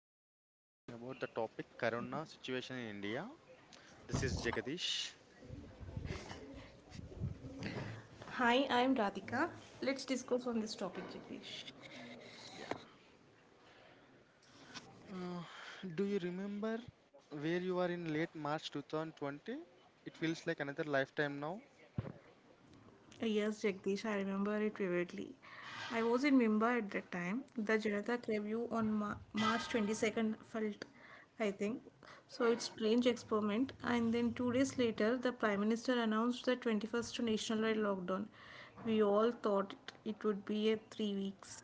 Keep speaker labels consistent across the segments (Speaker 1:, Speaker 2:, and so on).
Speaker 1: we are discussing about the topic Corona situation in India. This is Jagadish.
Speaker 2: Hi, I'm Radhika. Let's discuss on this topic, Jagdish.
Speaker 1: Yeah. Uh, do you remember where you were in late March 2020? It feels like another lifetime now.
Speaker 2: Yes, Jagdish, I remember it vividly. I was in Mumbai at that time. The Janata Review on March 22nd felt, I think. So it's strange experiment. And then 2 days later, the Prime Minister announced the 21st nationwide lockdown. We all thought it would be a 3 weeks.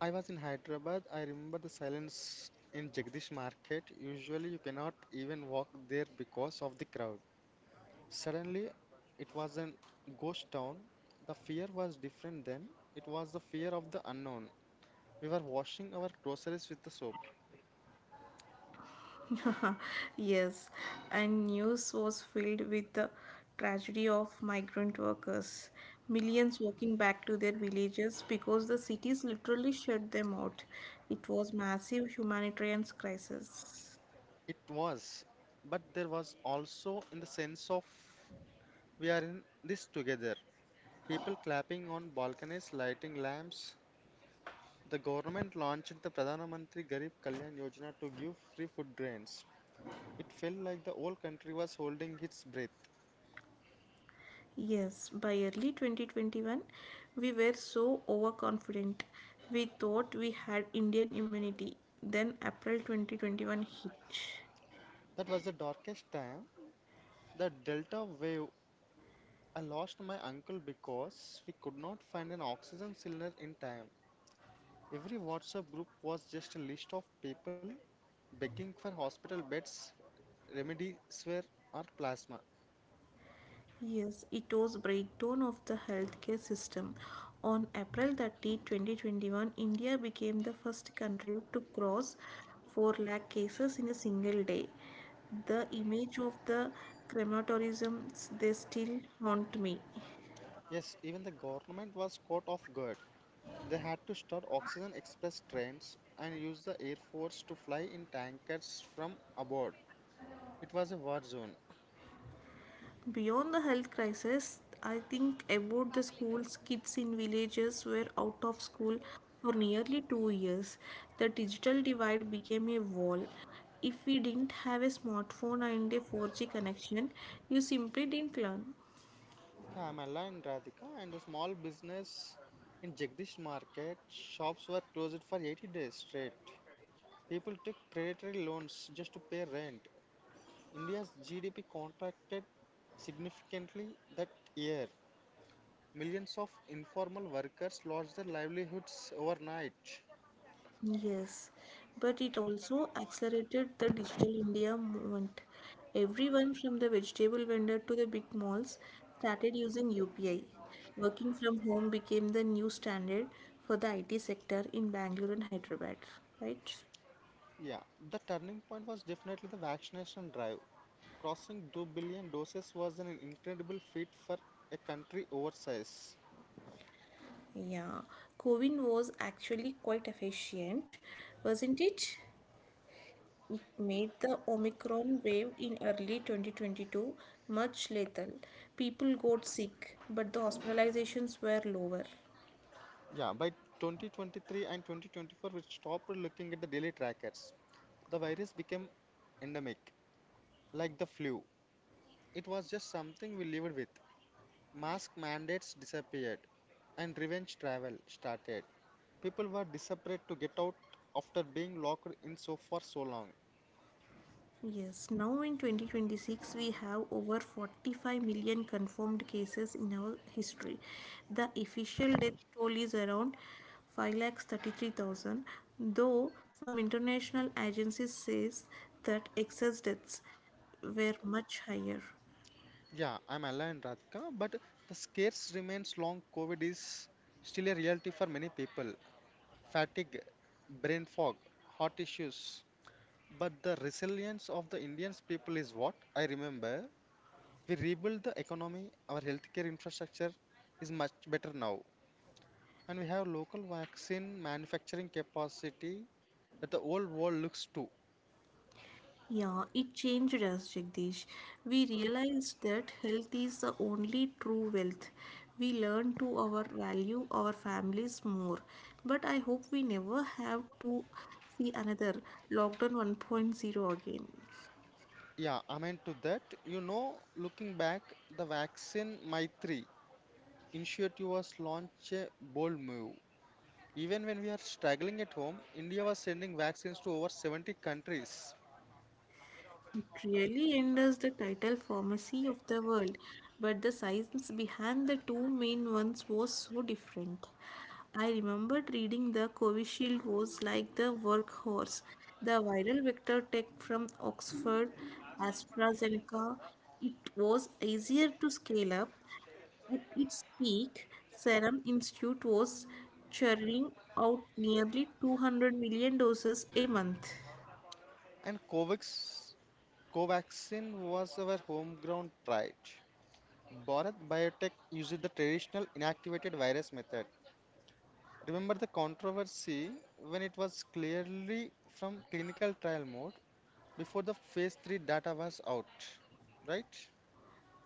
Speaker 1: I was in Hyderabad. I remember the silence in Jagdish market. Usually you cannot even walk there because of the crowd. Suddenly it was a ghost town. The fear was different then. It was the fear of the unknown. We were washing our groceries with the soap.
Speaker 2: Yes, and news was filled with the tragedy of migrant workers, millions walking back to their villages because the cities literally shut them out. It was massive humanitarian crisis.
Speaker 1: It was, but there was also in the sense of we are in this together. People clapping on balconies, lighting lamps. The government launched the Pradhan Mantri Garib Kalyan Yojana to give free food grains. It felt like the whole country was holding its breath.
Speaker 2: Yes, by early 2021, we were so overconfident. We thought we had Indian immunity. Then April 2021 hit.
Speaker 1: That was the darkest time. The Delta wave. I lost my uncle because we could not find an oxygen cylinder in time. Every WhatsApp group was just a list of people begging for hospital beds remedies were or plasma.
Speaker 2: Yes, it was breakdown of the healthcare system. On April 30, 2021, India became the first country to cross 4 lakh cases in a single day. The image of the crematoriums, they still haunt me.
Speaker 1: Yes, even the government was caught off guard. They had to start oxygen express trains and use the air force to fly in tankers from aboard. It was a war zone.
Speaker 2: Beyond the health crisis, I think about the schools, kids in villages were out of school for nearly 2 years. The digital divide became a wall. If we didn't have a smartphone and a 4G connection, you simply didn't learn.
Speaker 1: Yeah, I'm Allah and Radhika, and the small business in Jagdish market shops were closed for 80 days straight. People took predatory loans just to pay rent. India's GDP contracted significantly that year. Millions of informal workers lost their livelihoods overnight.
Speaker 2: Yes, but it also accelerated the digital India movement. Everyone from the vegetable vendor to the big malls started using UPI. Working from home became the new standard for the IT sector in Bangalore and Hyderabad, right?
Speaker 1: Yeah, the turning point was definitely the vaccination drive. Crossing 2 billion doses was an incredible feat for a country oversize.
Speaker 2: Yeah, COVID was actually quite efficient, wasn't it? It made the Omicron wave in early 2022 much lethal. People got sick, but the hospitalizations were lower.
Speaker 1: Yeah, by 2023 and 2024, we stopped looking at the daily trackers. The virus became endemic, like the flu. It was just something we lived with. Mask mandates disappeared, and revenge travel started. People were desperate to get out after being locked in so for so long.
Speaker 2: Yes, now in 2026, we have over 45 million confirmed cases in our history. The official death toll is around 5,33,000, though some international agencies says that excess deaths were much higher.
Speaker 1: Yeah, I'm aligned, Radhika, but the scarce remains long. COVID is still a reality for many people. Fatigue, brain fog, heart issues. But the resilience of the Indian people is what I remember. We rebuilt the economy, our healthcare infrastructure is much better now. And we have local vaccine manufacturing capacity that the whole world looks to.
Speaker 2: Yeah, it changed us, Jagdish. We realized that health is the only true wealth. We learn to our value our families more. But I hope we never have to see another lockdown one point zero again.
Speaker 1: Yeah, amen to that. You know, looking back, the vaccine Maitri initiative was launched a bold move. Even when we are struggling at home, India was sending vaccines to over 70 countries.
Speaker 2: It really endorses the title pharmacy of the world, but the science behind the two main ones was so different. I remembered reading the Covishield was like the workhorse. The viral vector tech from Oxford, AstraZeneca, it was easier to scale up. At its peak, Serum Institute was churning out nearly 200 million doses a month.
Speaker 1: And Covax, Covaxin was our home ground pride. Bharat Biotech used the traditional inactivated virus method. Remember the controversy when it was clearly from clinical trial mode before the phase 3 data was out, right?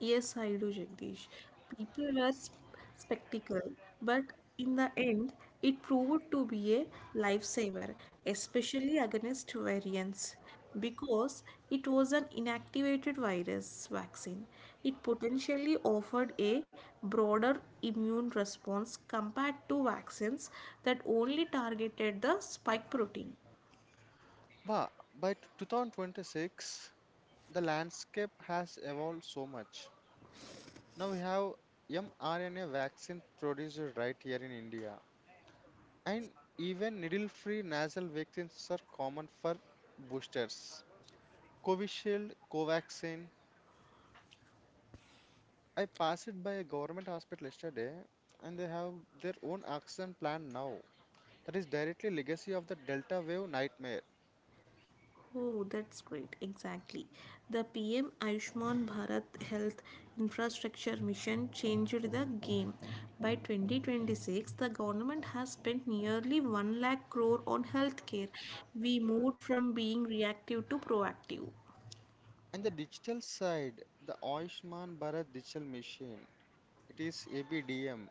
Speaker 2: Yes, I do, Jagdish. People are spectacle, but in the end, it proved to be a lifesaver, especially against variants, because it was an inactivated virus vaccine. It potentially offered a broader immune response compared to vaccines that only targeted the spike protein.
Speaker 1: Wow, by 2026, the landscape has evolved so much. Now we have mRNA vaccine produced right here in India, and even needle-free nasal vaccines are common for boosters. Covishield, Covaxin. I passed it by a government hospital yesterday, and they have their own oxygen plant now. That is directly legacy of the Delta wave nightmare.
Speaker 2: Oh, that's great. Exactly. The PM Ayushman Bharat Health Infrastructure Mission changed the game. By 2026, the government has spent nearly 1 lakh crore on healthcare. We moved from being reactive to proactive.
Speaker 1: And the digital side, the Ayushman Bharat digital machine. It is ABDM.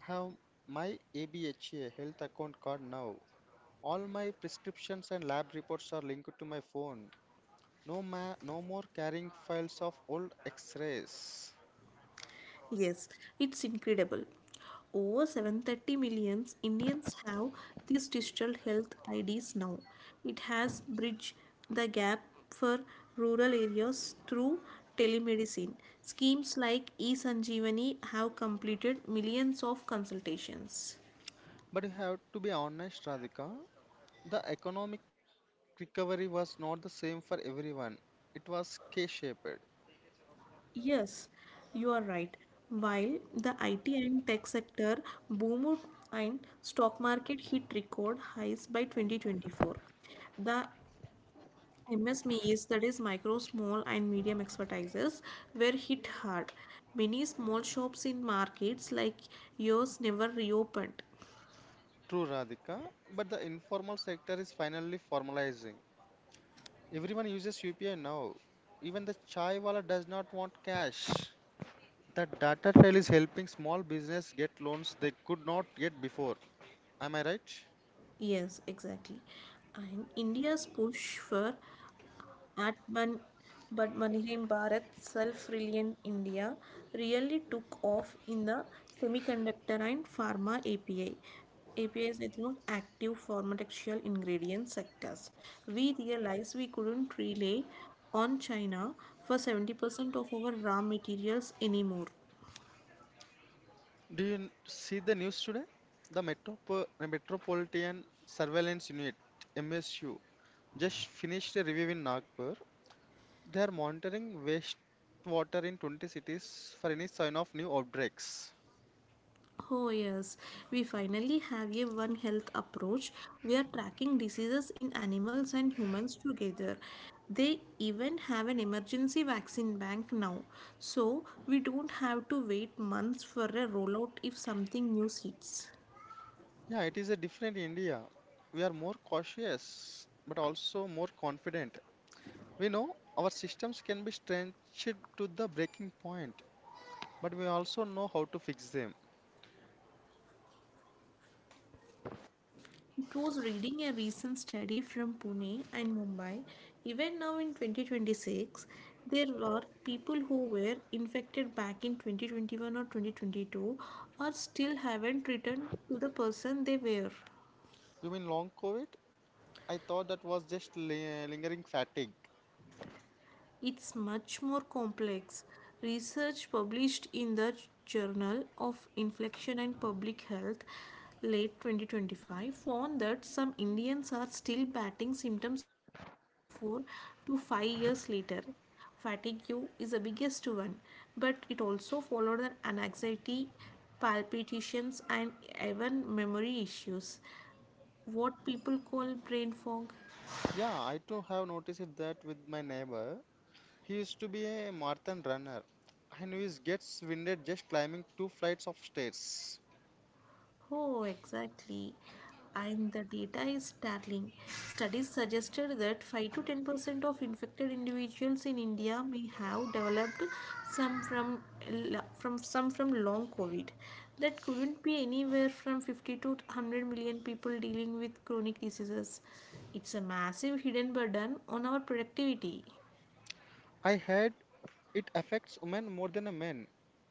Speaker 1: Have my ABHA health account card now. All my prescriptions and lab reports are linked to my phone. No more carrying files of old X-rays.
Speaker 2: Yes, it's incredible. Over 730 million Indians have these digital health IDs now. It has bridged the gap for rural areas through telemedicine. Schemes like eSanjeevani have completed millions of consultations.
Speaker 1: But you have to be honest, Radhika. The economic recovery was not the same for everyone. It was K-shaped.
Speaker 2: Yes, you are right. While the IT and tech sector boom and stock market hit record highs by 2024, the MSMEs, that is micro, small and medium expertises, were hit hard. Many small shops in markets like yours never reopened.
Speaker 1: True, Radhika. But the informal sector is finally formalizing. Everyone uses UPI now. Even the chai wala does not want cash. The data trail is helping small business get loans they could not get before. Am I right?
Speaker 2: Yes, exactly. And India's push for Atman Batmanirhim Bharat Self-Reliant India really took off in the semiconductor and pharma API. APIs, A P I Is, I think, active pharmaceutical ingredient sectors. We realized we couldn't rely on China for 70% of our raw materials anymore.
Speaker 1: See the news today? The Metropolitan Surveillance Unit (MSU) just finished a review in Nagpur. They are monitoring wastewater in 20 cities for any sign of new outbreaks.
Speaker 2: Oh, yes, we finally have a One Health approach. We are tracking diseases in animals and humans together. They even have an emergency vaccine bank now. So we don't have to wait months for a rollout if something new hits.
Speaker 1: Yeah, it is a different India. We are more cautious, but also more confident. We know our systems can be stretched to the breaking point. But we also know how to fix them.
Speaker 2: It was reading a recent study from Pune and Mumbai. Even now in 2026, there were people who were infected back in 2021 or 2022 or still haven't returned to the person they were.
Speaker 1: You mean long COVID? I thought that was just lingering fatigue.
Speaker 2: It's much more complex. Research published in the Journal of Infection and Public Health late 2025 found that some Indians are still batting symptoms 4 to 5 years later. Fatigue is the biggest one, but it also followed an anxiety, palpitations, and even memory issues. What people call brain fog.
Speaker 1: Yeah, I too have noticed it that with my neighbor. He used to be a marathon runner and he gets winded just climbing two flights of stairs.
Speaker 2: Oh, exactly. And the data is startling. Studies suggested that 5 to 10% of infected individuals in India may have developed some from some from long COVID. That couldn't be anywhere from 50 to 100 million people dealing with chronic diseases. It's a massive hidden burden on our productivity.
Speaker 1: I heard it affects women more than a men.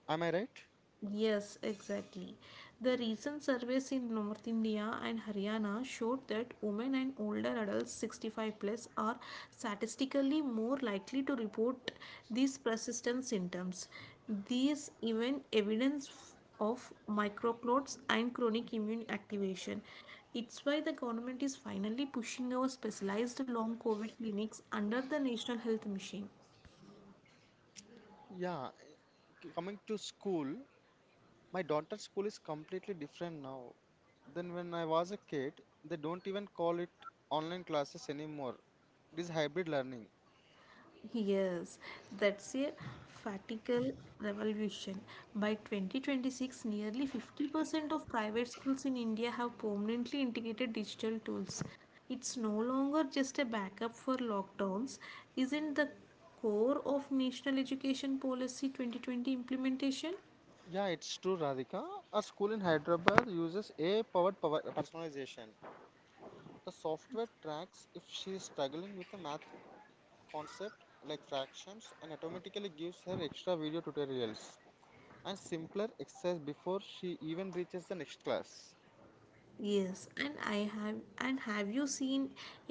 Speaker 1: Am I right?
Speaker 2: Yes, exactly. The recent surveys in North India and Haryana showed that women and older adults 65 plus are statistically more likely to report these persistent symptoms. These even evidence of microclots and chronic immune activation. It's why the government is finally pushing our specialized long COVID clinics under the National Health Mission.
Speaker 1: Yeah, coming to school, my daughter's school is completely different now than when I was a kid. They don't even call it online classes anymore. It is hybrid learning.
Speaker 2: Yes, that's a fatigal revolution. By 2026, nearly 50% of private schools in India have permanently integrated digital tools. It's no longer just a backup for lockdowns, isn't the core of National Education Policy 2020 implementation?
Speaker 1: Yeah, it's true, Radhika. A school in Hyderabad uses AI-powered power personalization. The software tracks if she is struggling with a math concept like fractions and automatically gives her extra video tutorials and simpler exercise before she even reaches the next class.
Speaker 2: Yes, and I have and have you seen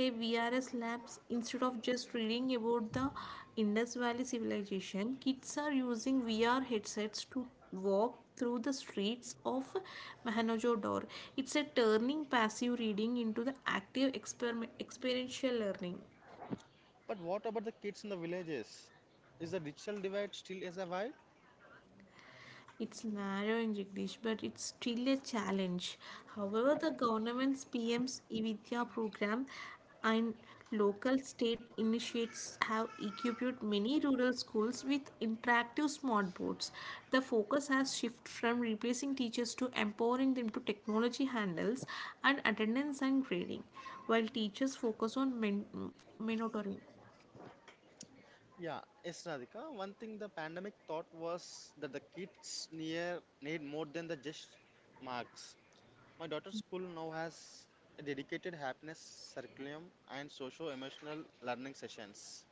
Speaker 2: a VRS labs instead of just reading about the Indus Valley civilization, kids are using VR headsets to walk through the streets of Mohenjo-daro. It's a turning passive reading into the active experiential learning.
Speaker 1: But what about the kids in the villages? Is the digital divide still as a vibe?
Speaker 2: It's narrow in Jagdish, but it's still a challenge. However, the government's PM's eVidya program and local state initiates have equipped many rural schools with interactive smart boards. The focus has shifted from replacing teachers to empowering them to technology handles and attendance and grading, while teachers focus on monitoring.
Speaker 1: Yeah, yes, Radhika. One thing the pandemic taught was that the kids near need more than the just marks. My daughter's school now has a dedicated happiness curriculum and socio emotional learning sessions.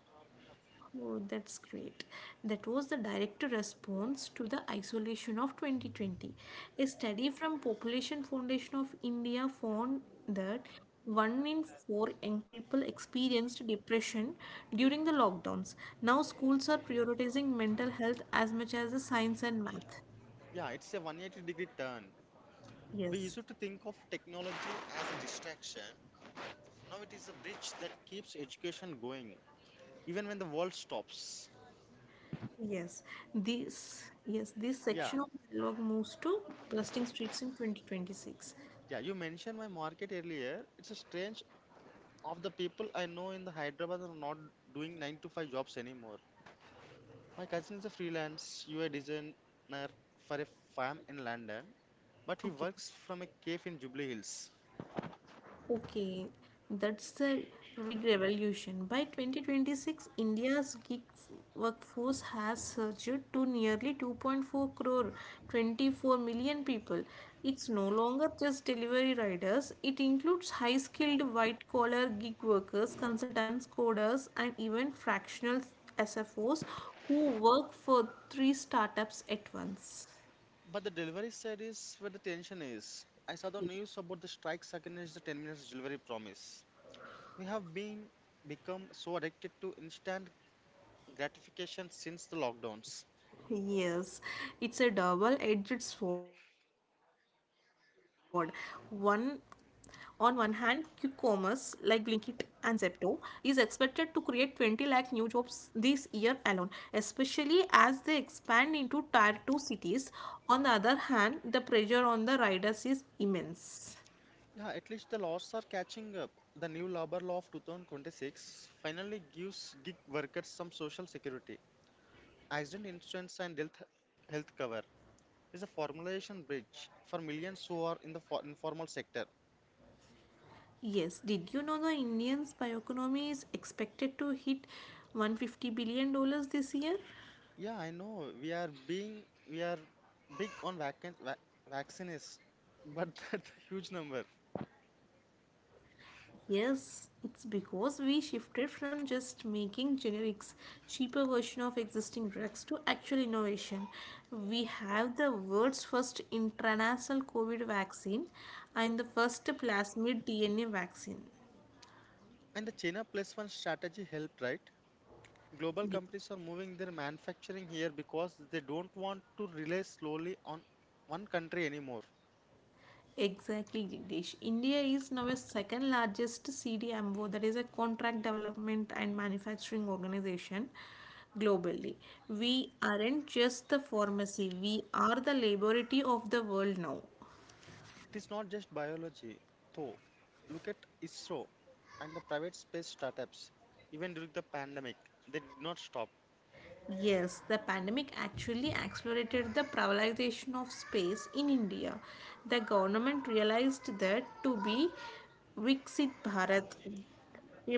Speaker 2: Oh, that's great. That was the direct response to the isolation of 2020. A study from Population Foundation of India found that one in four young people experienced depression during the lockdowns. Now schools are prioritizing mental health as much as the science and math.
Speaker 1: Yeah, it's a 180-degree turn. We
Speaker 2: Yes.
Speaker 1: used to think of technology as a distraction. Now it is a bridge that keeps education going, even when the world stops.
Speaker 2: Yes, this
Speaker 1: Yeah,
Speaker 2: section of dialogue moves to blasting streets in 2026.
Speaker 1: yeah, you mentioned my market earlier. It's a strange of the people I know in the Hyderabad are not doing 9 to 5 jobs anymore. My cousin is a freelance UI designer for a firm in London, but he
Speaker 2: Okay.
Speaker 1: works from a cave in Jubilee Hills.
Speaker 2: Okay, that's the rig revolution. By 2026, India's gig workforce has surged to nearly 2.4 crore, 24 million people. It's no longer just delivery riders, it includes high skilled white collar gig workers, consultants, coders, and even fractional SFOs who work for three startups at once.
Speaker 1: But the delivery side is where the tension is. I saw the news about the strikes against the 10 minutes delivery promise. We have been Become so addicted to instant gratification since the lockdowns.
Speaker 2: Yes, it's a double-edged sword. One, on one hand, quick commerce like Blinkit and Zepto is expected to create 20 lakh new jobs this year alone, especially as they expand into tier 2 cities. On the other hand, the pressure on the riders is immense.
Speaker 1: Yeah, at least the laws are catching up. The new labor law of 2026 finally gives gig workers some social security. Accident insurance and health cover is a formulation bridge for millions who are in the informal sector.
Speaker 2: Yes, did you know the Indian's bioeconomy is expected to hit 150 dollars this year?
Speaker 1: Yeah, I know. We are big on vaccines, but that's a huge number.
Speaker 2: Yes, it's because we shifted from just making generics, cheaper version of existing drugs to actual innovation. We have the world's first intranasal COVID vaccine and the first plasmid DNA vaccine.
Speaker 1: And the China plus one strategy helped, right? Global
Speaker 2: Yeah,
Speaker 1: companies are moving their manufacturing here because they don't want to rely slowly on one country anymore.
Speaker 2: exactly, Jagdish. India is now a second largest CDMO, that is a contract development and manufacturing organization globally. We aren't just the pharmacy, we are the laboratory of the world now.
Speaker 1: It is not just biology, though. Look at ISRO and the private space startups. Even during the pandemic, they did not stop.
Speaker 2: Yes, the pandemic actually accelerated the privatization of space in India. The government realized that to be Viksit Bharat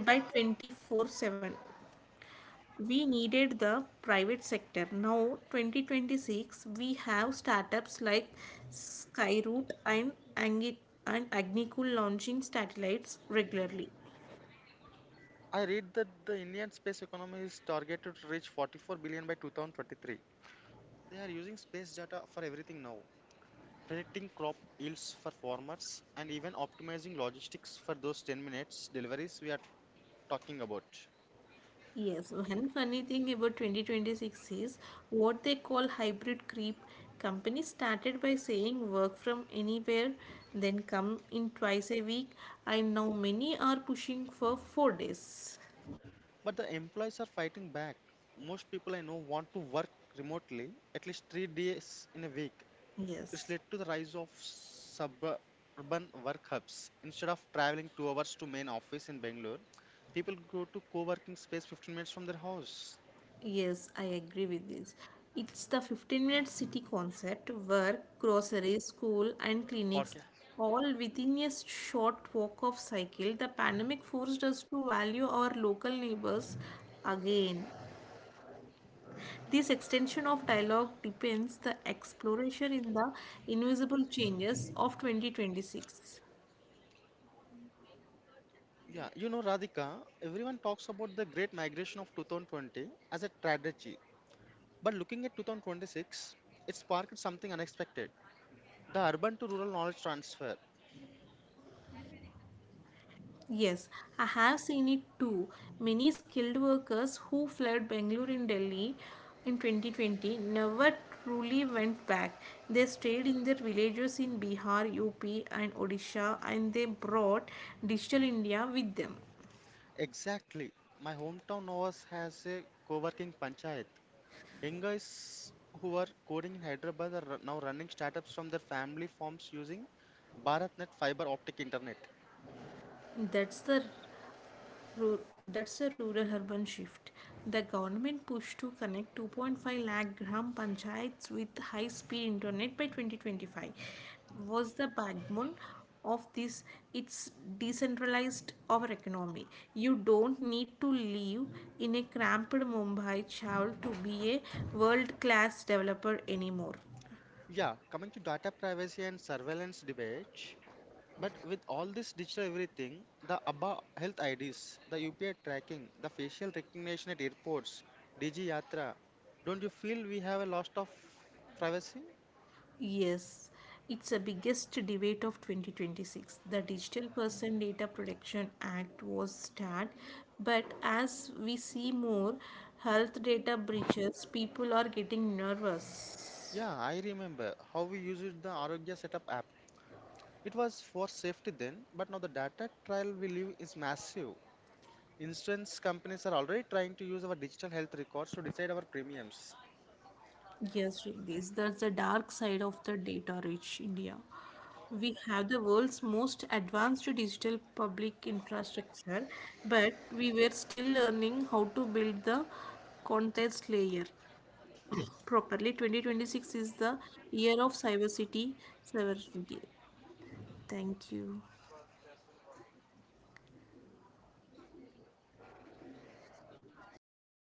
Speaker 2: by 24/7 we needed the private sector. Now 2026 we have startups like Skyroot and Angit and Agnikul launching satellites regularly.
Speaker 1: I read that the Indian space economy is targeted to reach 44 billion by 2023. They are using space data for everything now, predicting crop yields for farmers and even optimizing logistics for those 10 minutes deliveries we are talking about.
Speaker 2: Yes, so one funny thing about 2026 is what they call hybrid creep. Companies started by saying work from anywhere, then come in twice a week, and now many are pushing for 4 days.
Speaker 1: But the employees are fighting back. Most people I know want to work remotely at least 3 days in a week. It's
Speaker 2: Yes,
Speaker 1: led to the rise of suburban work hubs. Instead of traveling 2 hours to main office in Bangalore, people go to co-working space 15 minutes from their house.
Speaker 2: yes, I agree with this. It's the 15-minute city concept work, groceries, school, and clinics
Speaker 1: Podca-
Speaker 2: all within a short walk of cycle. The pandemic forced us to value our local neighbors again. This extension of dialogue depends the exploration in the invisible changes of 2026.
Speaker 1: Yeah, you know, Radhika, everyone talks about the Great Migration of 2020 as a tragedy. But looking at 2026, it sparked something unexpected, the urban to rural knowledge transfer.
Speaker 2: Yes, I have seen it too. Many skilled workers who fled Bangalore and Delhi in 2020 never truly went back. They stayed in their villages in Bihar, UP, and Odisha, and they brought digital India with them.
Speaker 1: Exactly. My hometown Novas has a co working panchayat. Young guys who are coding in Hyderabad are now running startups from their family farms using BharatNet fiber optic internet.
Speaker 2: That's the that's a rural urban shift. The government pushed to connect 2.5 lakh gram panchayats with high speed internet by 2025 was the backbone of this it's decentralized our economy. You don't need to live in a cramped Mumbai child to be a world class developer anymore.
Speaker 1: Yeah, coming to data privacy and surveillance debate, but with all this digital everything, the ABBA health IDs, the UPI tracking, the facial recognition at airports, Digi Yatra, don't you feel we have a loss of privacy?
Speaker 2: Yes, it's the biggest debate of 2026. The Digital Person Data Protection Act was started, but as we see more health data breaches, people are getting nervous.
Speaker 1: Yeah, I remember how we used the Arogya Setup app. It was for safety then, but now the data trial we live is massive. Insurance companies are already trying to use our digital health records to decide our premiums.
Speaker 2: Yes, this that's the dark side of the data-rich India. We have the world's most advanced digital public infrastructure, but we were still learning how to build the context layer properly. 2026 is the year of cyber city. Thank you.